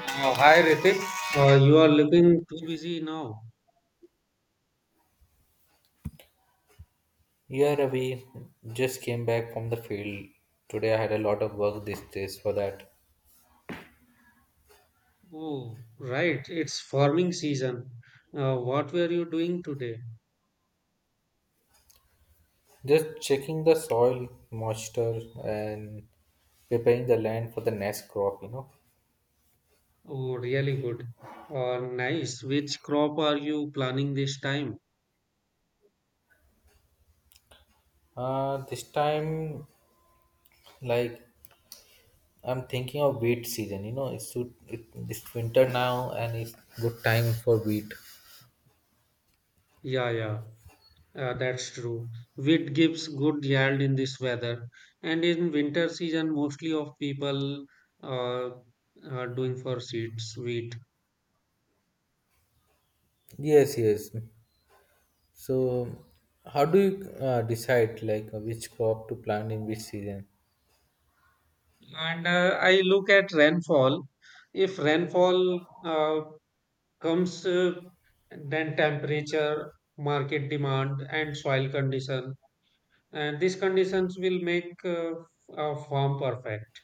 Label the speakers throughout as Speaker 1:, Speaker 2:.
Speaker 1: Hi Ritik, you are looking too busy now.
Speaker 2: Yeah, Ravi, just came back from the field. Today I had a lot of work these days for that.
Speaker 1: Oh, right, it's farming season. What were you doing today?
Speaker 2: Just checking the soil moisture and preparing the land for the next crop, you know.
Speaker 1: Oh, really good. Oh, nice. Which crop are you planning this time?
Speaker 2: This time, like, I'm thinking of wheat season, you know. It's winter now and it's good time for wheat.
Speaker 1: Yeah, yeah, that's true. Wheat gives good yield in this weather, and in winter season, mostly of people uh, are doing for seeds, wheat.
Speaker 2: Yes, yes. So, how do you decide, like, which crop to plant in which season?
Speaker 1: And I look at rainfall. If rainfall comes then temperature, market demand, and soil condition. And these conditions will make a farm perfect.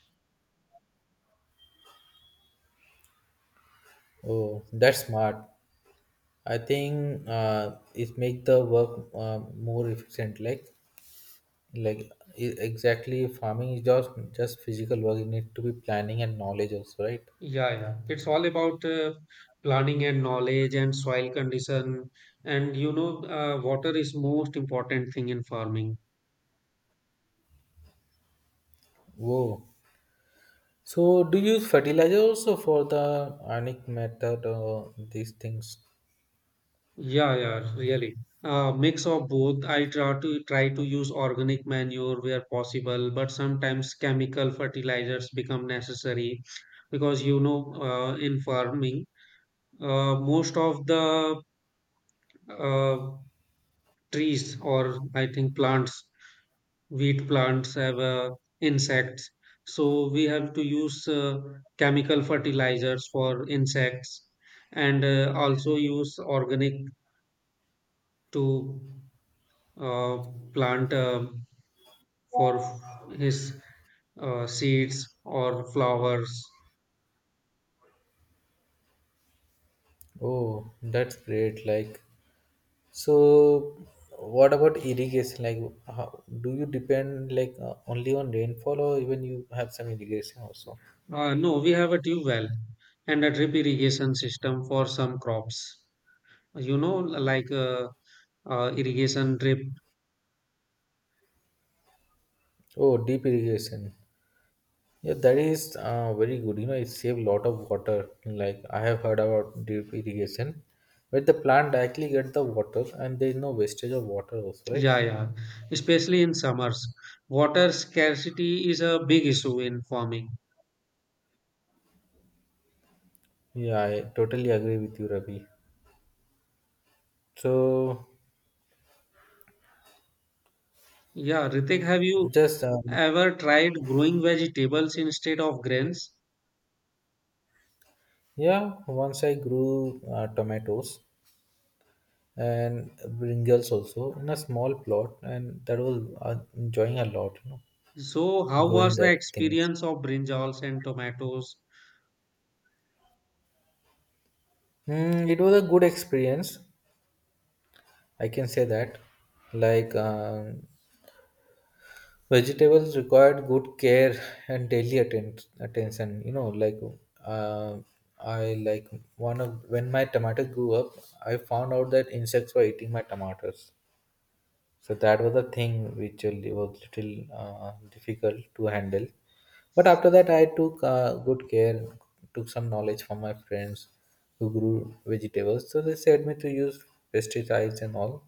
Speaker 2: Oh, that's smart. I think it make the work more efficient. Like exactly, farming is just physical work. You need to be planning and knowledge also, right?
Speaker 1: Yeah, yeah. It's all about planning and knowledge and soil condition. And water is most important thing in farming.
Speaker 2: Whoa. So do you use fertilizer also for the organic method or these things?
Speaker 1: Yeah, yeah, really. Mix of both. I try to use organic manure where possible, but sometimes chemical fertilizers become necessary because in farming, most of the uh, trees or I think plants, wheat plants have insects, so we have to use chemical fertilizers for insects, and also use organic to. uh, Plant for his seeds or flowers.
Speaker 2: Oh, that's great. Like so. What about irrigation? Like, how, do you depend like only on rainfall, or even you have some irrigation also?
Speaker 1: No, we have a tube well and a drip irrigation system for some crops. Like irrigation drip.
Speaker 2: Oh, deep irrigation. Yeah, that is very good. You know, it save lot of water. Like I have heard about drip irrigation, where the plant directly get the water and there is no wastage of water also, right?
Speaker 1: Yeah, yeah. Especially in summers, water scarcity is a big issue in farming.
Speaker 2: Yeah, I totally agree with you, Ravi. So
Speaker 1: Yeah, Ritik, have you
Speaker 2: just
Speaker 1: ever tried growing vegetables instead of grains?
Speaker 2: yeah, once I grew tomatoes and brinjals also in a small plot, and that was enjoying a lot. You know,
Speaker 1: So, how
Speaker 2: growing
Speaker 1: was the
Speaker 2: that things.
Speaker 1: experience of brinjals and tomatoes?
Speaker 2: Mm, it was a good experience. I can say that. Like um Vegetables required good care and daily attention. You know, uh, I like one of when my tomato grew up, I found out that insects were eating my tomatoes. So that was a thing which really was little difficult to handle. But after that, I took good care, took some knowledge from my friends who grew vegetables. So they said me to use pesticides and all.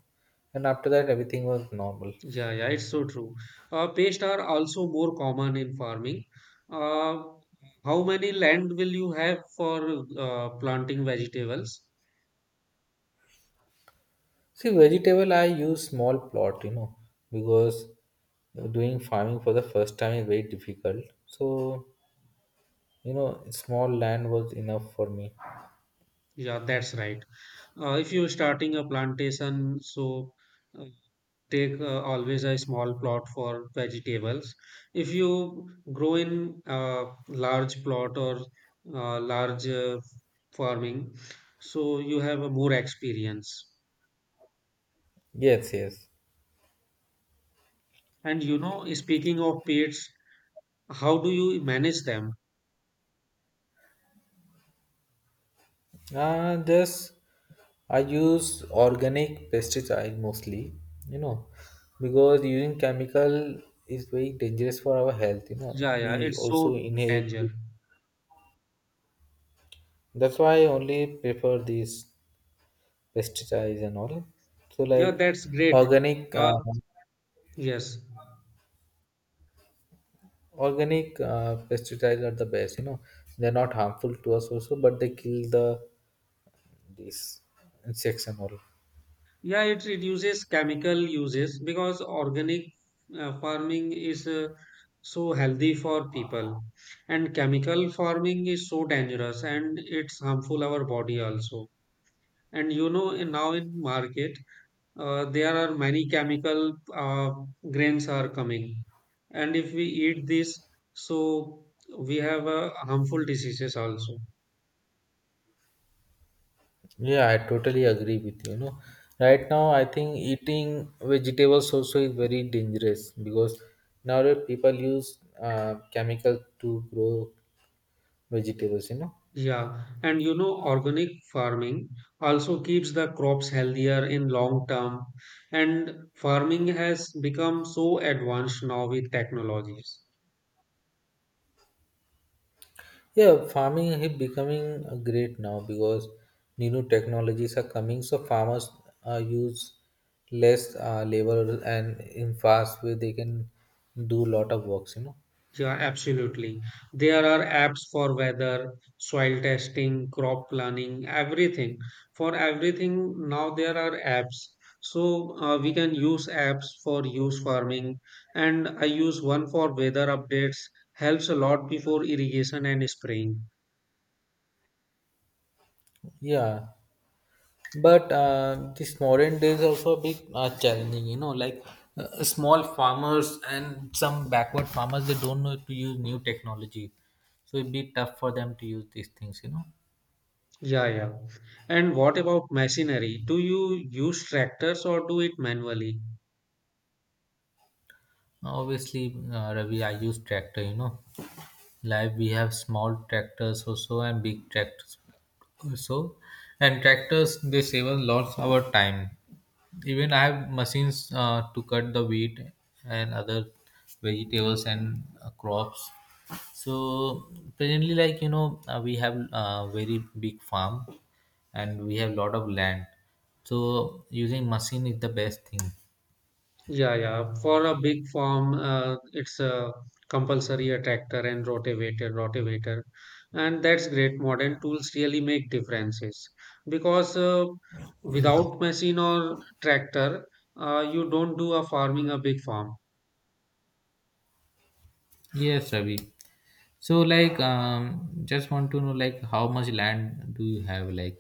Speaker 2: And after that, everything was normal.
Speaker 1: Yeah, yeah, it's so true. Pests are also more common in farming. Uh, how many land will you have for planting vegetables?
Speaker 2: See, vegetable I use small plot, you know, because doing farming for the first time is very difficult. So, you know, small land was enough for me.
Speaker 1: Yeah, that's right. If you're starting a plantation, so uh, take always a small plot for vegetables. If you grow in a large plot or large farming, so you have a more experience.
Speaker 2: Yes, yes.
Speaker 1: And you know, speaking of pests, how do you manage them?
Speaker 2: Just I use organic pesticide mostly, you know, because using chemical is very dangerous for our health, you know.
Speaker 1: Yeah, yeah,
Speaker 2: We
Speaker 1: it's so
Speaker 2: also inherit
Speaker 1: danger.
Speaker 2: it. That's why I only prefer these pesticides and all. So
Speaker 1: Yeah,
Speaker 2: like
Speaker 1: that's great.
Speaker 2: organic
Speaker 1: Uh, yes.
Speaker 2: Pesticides are the best. You know, they're not harmful to us also, but they kill these insects and all.
Speaker 1: Yeah, it reduces chemical uses because organic farming is so healthy for people, and chemical farming is so dangerous and it's harmful our body also. And you know, now in market, there are many chemical grains are coming, and if we eat this, so we have harmful diseases also.
Speaker 2: Yeah, I totally agree with you. You know, right now I think eating vegetables also is very dangerous because nowadays people use chemical to grow vegetables. You know,
Speaker 1: Yeah, and you know organic farming also keeps the crops healthier in long term, and farming has become so advanced now with technologies.
Speaker 2: yeah, farming is becoming great now because new technologies are coming, so farmers use less labor and in fast way they can do lot of works, you know.
Speaker 1: Yeah, absolutely. There are apps for weather, soil testing, crop planning, everything. For everything, now there are apps. So we can use apps for use farming. And I use one for weather updates, helps a lot before irrigation and spraying.
Speaker 2: Yeah, but this modern days also a bit challenging, you know, like small farmers and some backward farmers they don't know to use new technology, so it'd be tough for them to use these things, you know.
Speaker 1: Yeah, yeah. And what about machinery? Do you use tractors or do it manually?
Speaker 2: Obviously, Ravi, I use tractor, you know. Like we have small tractors also and big tractors also, and tractors they save us lots our time. Even I have machines to cut the wheat and other vegetables and crops. So presently, like you know, we have a very big farm and we have lot of land. So using machine is the best thing.
Speaker 1: Yeah, yeah. For a big farm, it's a compulsory a tractor and rotivator, and that's great. Modern tools really make differences because without machine or tractor, you don't do a farming a big farm.
Speaker 2: Yes, Ravi. So like, just want to know like how much land do you have like?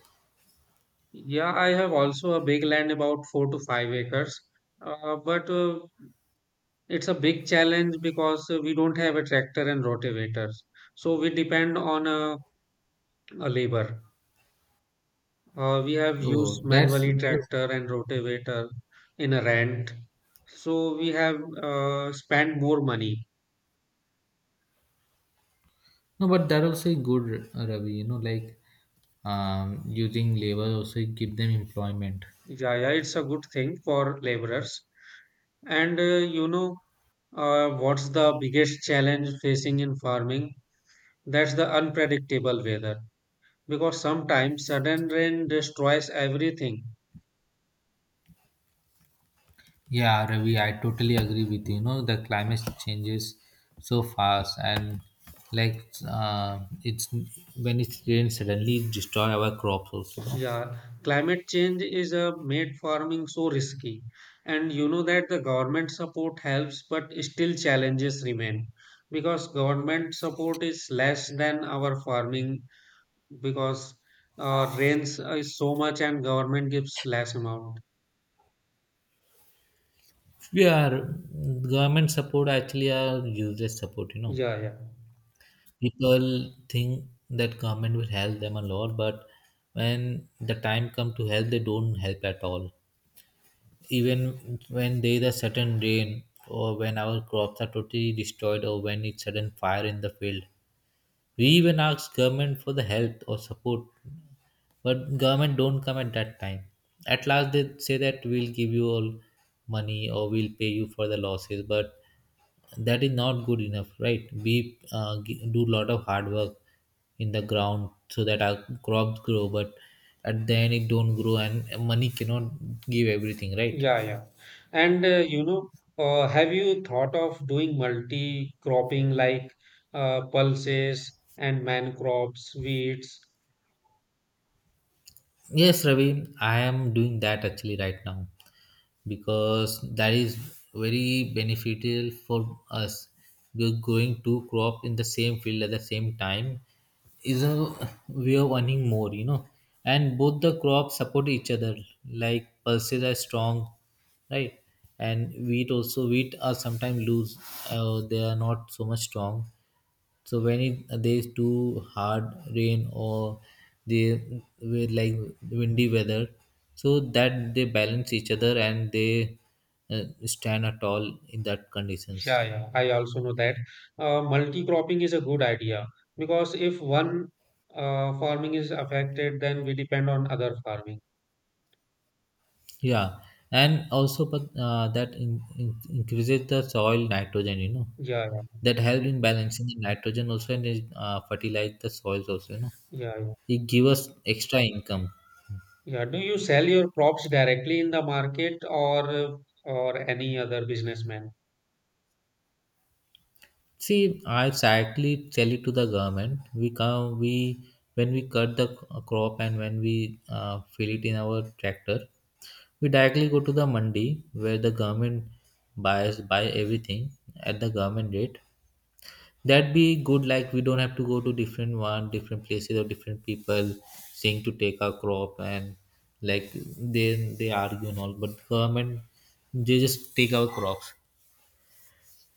Speaker 1: Yeah, I have also a big land about 4 to 5 acres, but it's a big challenge because we don't have a tractor and rotivators, so we depend on a labor. We have used
Speaker 2: Oh, that's
Speaker 1: manually tractor and rotavator in a rent. So we have spent more money.
Speaker 2: no, but that also a good Ravi. You know, using labor also give them employment.
Speaker 1: Yeah, yeah, it's a good thing for laborers. And what's the biggest challenge facing in farming? That's the unpredictable weather. Because sometimes sudden rain destroys everything.
Speaker 2: Yeah, Ravi, I totally agree with you. You know, the climate changes so fast, and like it's when it rains suddenly it destroy our crops also. No?
Speaker 1: Yeah, climate change is made farming so risky. And you know that the government support helps, but still challenges remain because government support is less than our farming because rains is so much and government gives less amount.
Speaker 2: Yeah, government support actually are useless support. You know,
Speaker 1: Yeah, yeah,
Speaker 2: people think that government will help them a lot, but when the time come to help they don't help at all, even when there is a sudden rain or when our crops are totally destroyed or when it's sudden fire in the field, we even ask government for the help or support, but government don't come at that time. At last they say that we'll give you all money or we'll pay you for the losses, but that is not good enough, right? We do a lot of hard work in the ground so that our crops grow, but at the end it don't grow and money cannot give everything, right?
Speaker 1: yeah, yeah. And have you thought of doing multi cropping like pulses and man crops, wheats?
Speaker 2: Yes, Ravi, I am doing that actually right now because that is very beneficial for us. We're growing two crop in the same field at the same time is a way of earning more, you know. And both the crops support each other. Like pulses are strong, right? And wheat also wheat are sometimes loose. They are not so much strong. So when it there is too hard rain or the with like windy weather, so that they balance each other and they stand at all in that conditions.
Speaker 1: Yeah, yeah, I also know that. Multi-cropping is a good idea because if one farming is affected, then we depend on other farming.
Speaker 2: Yeah, and also but that increases the soil nitrogen. You know
Speaker 1: Yeah, yeah,
Speaker 2: that help in balancing the nitrogen also, and it, fertilize the soils also. You know
Speaker 1: yeah, yeah.
Speaker 2: it give us extra income.
Speaker 1: yeah. Do you sell your crops directly in the market or any other businessman?
Speaker 2: See, I exactly tell it to the government. We come, we When we cut the crop and when we fill it in our tractor, we directly go to the mandi where the government buys buy everything at the government rate. That be good. Like we don't have to go to different one, different places or different people saying to take our crop and like they they argue and all. But government they just take our crops.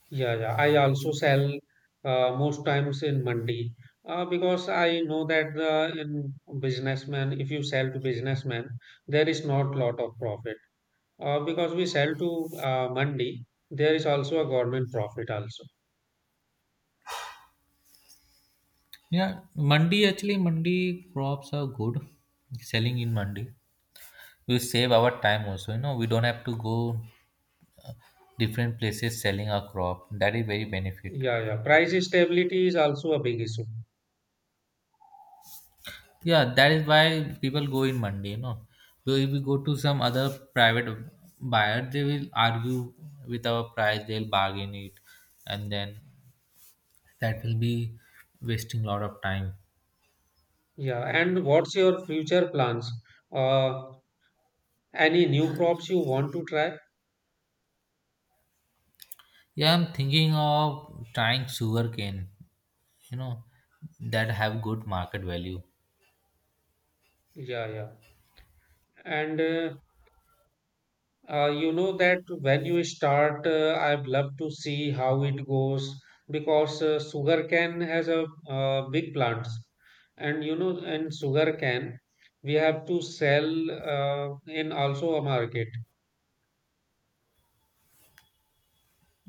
Speaker 1: Yeah, yeah. I also sell most times in mandi because I know that the in businessman, if you sell to businessman, there is not lot of profit. Because we sell to Mandi, there is also a government profit also.
Speaker 2: Yeah, Monday actually Monday crops are good. Selling in Monday. We save our time also. You know, we don't have to go different places selling our crop. That is very benefit.
Speaker 1: Yeah, yeah. Price stability is also a big issue.
Speaker 2: Yeah, that is why people go in Monday. You know, so if we go to some other private buyer, they will argue with our price. They'll bargain it, and then that will be wasting a lot of time.
Speaker 1: Yeah. And what's your future plans? Uh, any new crops you want to try?
Speaker 2: Yeah, I'm thinking of trying sugarcane. You know, that have good market value.
Speaker 1: Yeah, yeah. And you know that when you start, I'd love to see how it goes because sugarcane has a big plants, and you know, in sugarcane we have to sell in also a market.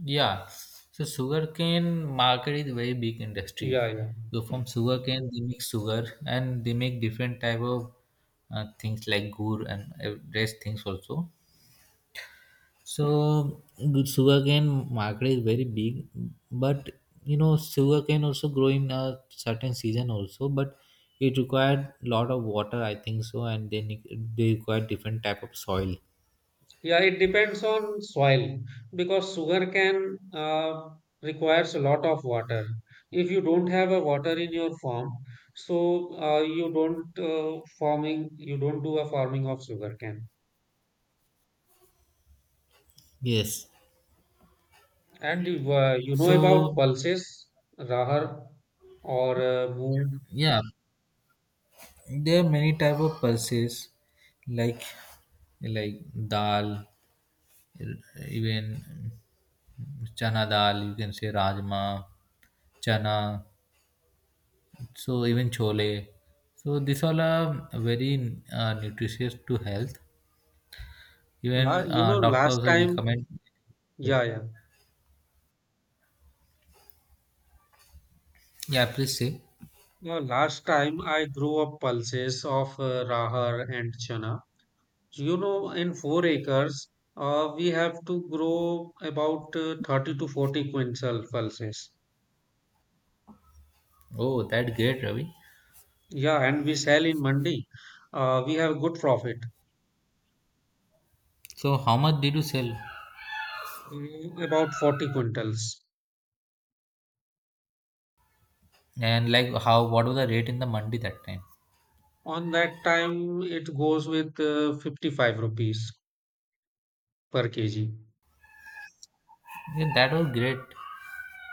Speaker 2: Yeah, so sugarcane market is very big industry.
Speaker 1: Yeah, yeah.
Speaker 2: So from sugarcane they make sugar and they make different type of things like gur and rest things also. So good sugarcane market is very big, but you know sugarcane also grow in a certain season also, but it required lot of water I think so, and they require different type of soil.
Speaker 1: Yeah, it depends on soil because sugarcane requires a lot of water. If you don't have a water in your farm, so you don't farming, you don't do a farming of sugarcane.
Speaker 2: Yes.
Speaker 1: And you know about
Speaker 2: So
Speaker 1: pulses, rahar or moong.
Speaker 2: yeah, there are many type of pulses, like like dal, even chana dal. You can say rajma, chana. So even chole. So these all are very nutritious to health.
Speaker 1: La
Speaker 2: Even
Speaker 1: Last
Speaker 2: doctors are
Speaker 1: time,
Speaker 2: recommend.
Speaker 1: yeah, yeah.
Speaker 2: Yeah, please say.
Speaker 1: No, last time I grew up pulses of rahar and chana. So, in 4 acres, we have to grow about 30 to 40 quintal pulses.
Speaker 2: Oh, that great, Ravi.
Speaker 1: Yeah, and we sell in Mandi. We have good profit,
Speaker 2: So how much did you sell?
Speaker 1: about 40 quintals.
Speaker 2: And like how? What was the rate in the mandi that time?
Speaker 1: On that time, it goes with 55 rupees per kg.
Speaker 2: Yeah, that was great.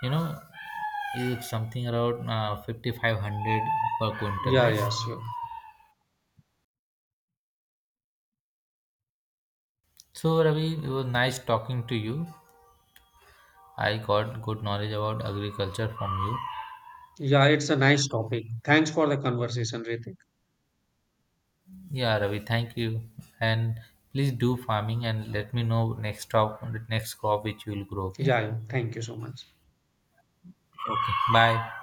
Speaker 2: You know, it's something around 5500 per quintal,
Speaker 1: Yeah,
Speaker 2: right?
Speaker 1: yeah, sure.
Speaker 2: So, Ravi, it was nice talking to you. I got good knowledge about agriculture from you.
Speaker 1: Yeah, it's a nice topic. Thanks for the conversation, Ritik.
Speaker 2: Yeah, Ravi, thank you. And please do farming and let me know next crop which you will grow. Okay.
Speaker 1: Yeah, yeah, thank you so much.
Speaker 2: Okay. Bye.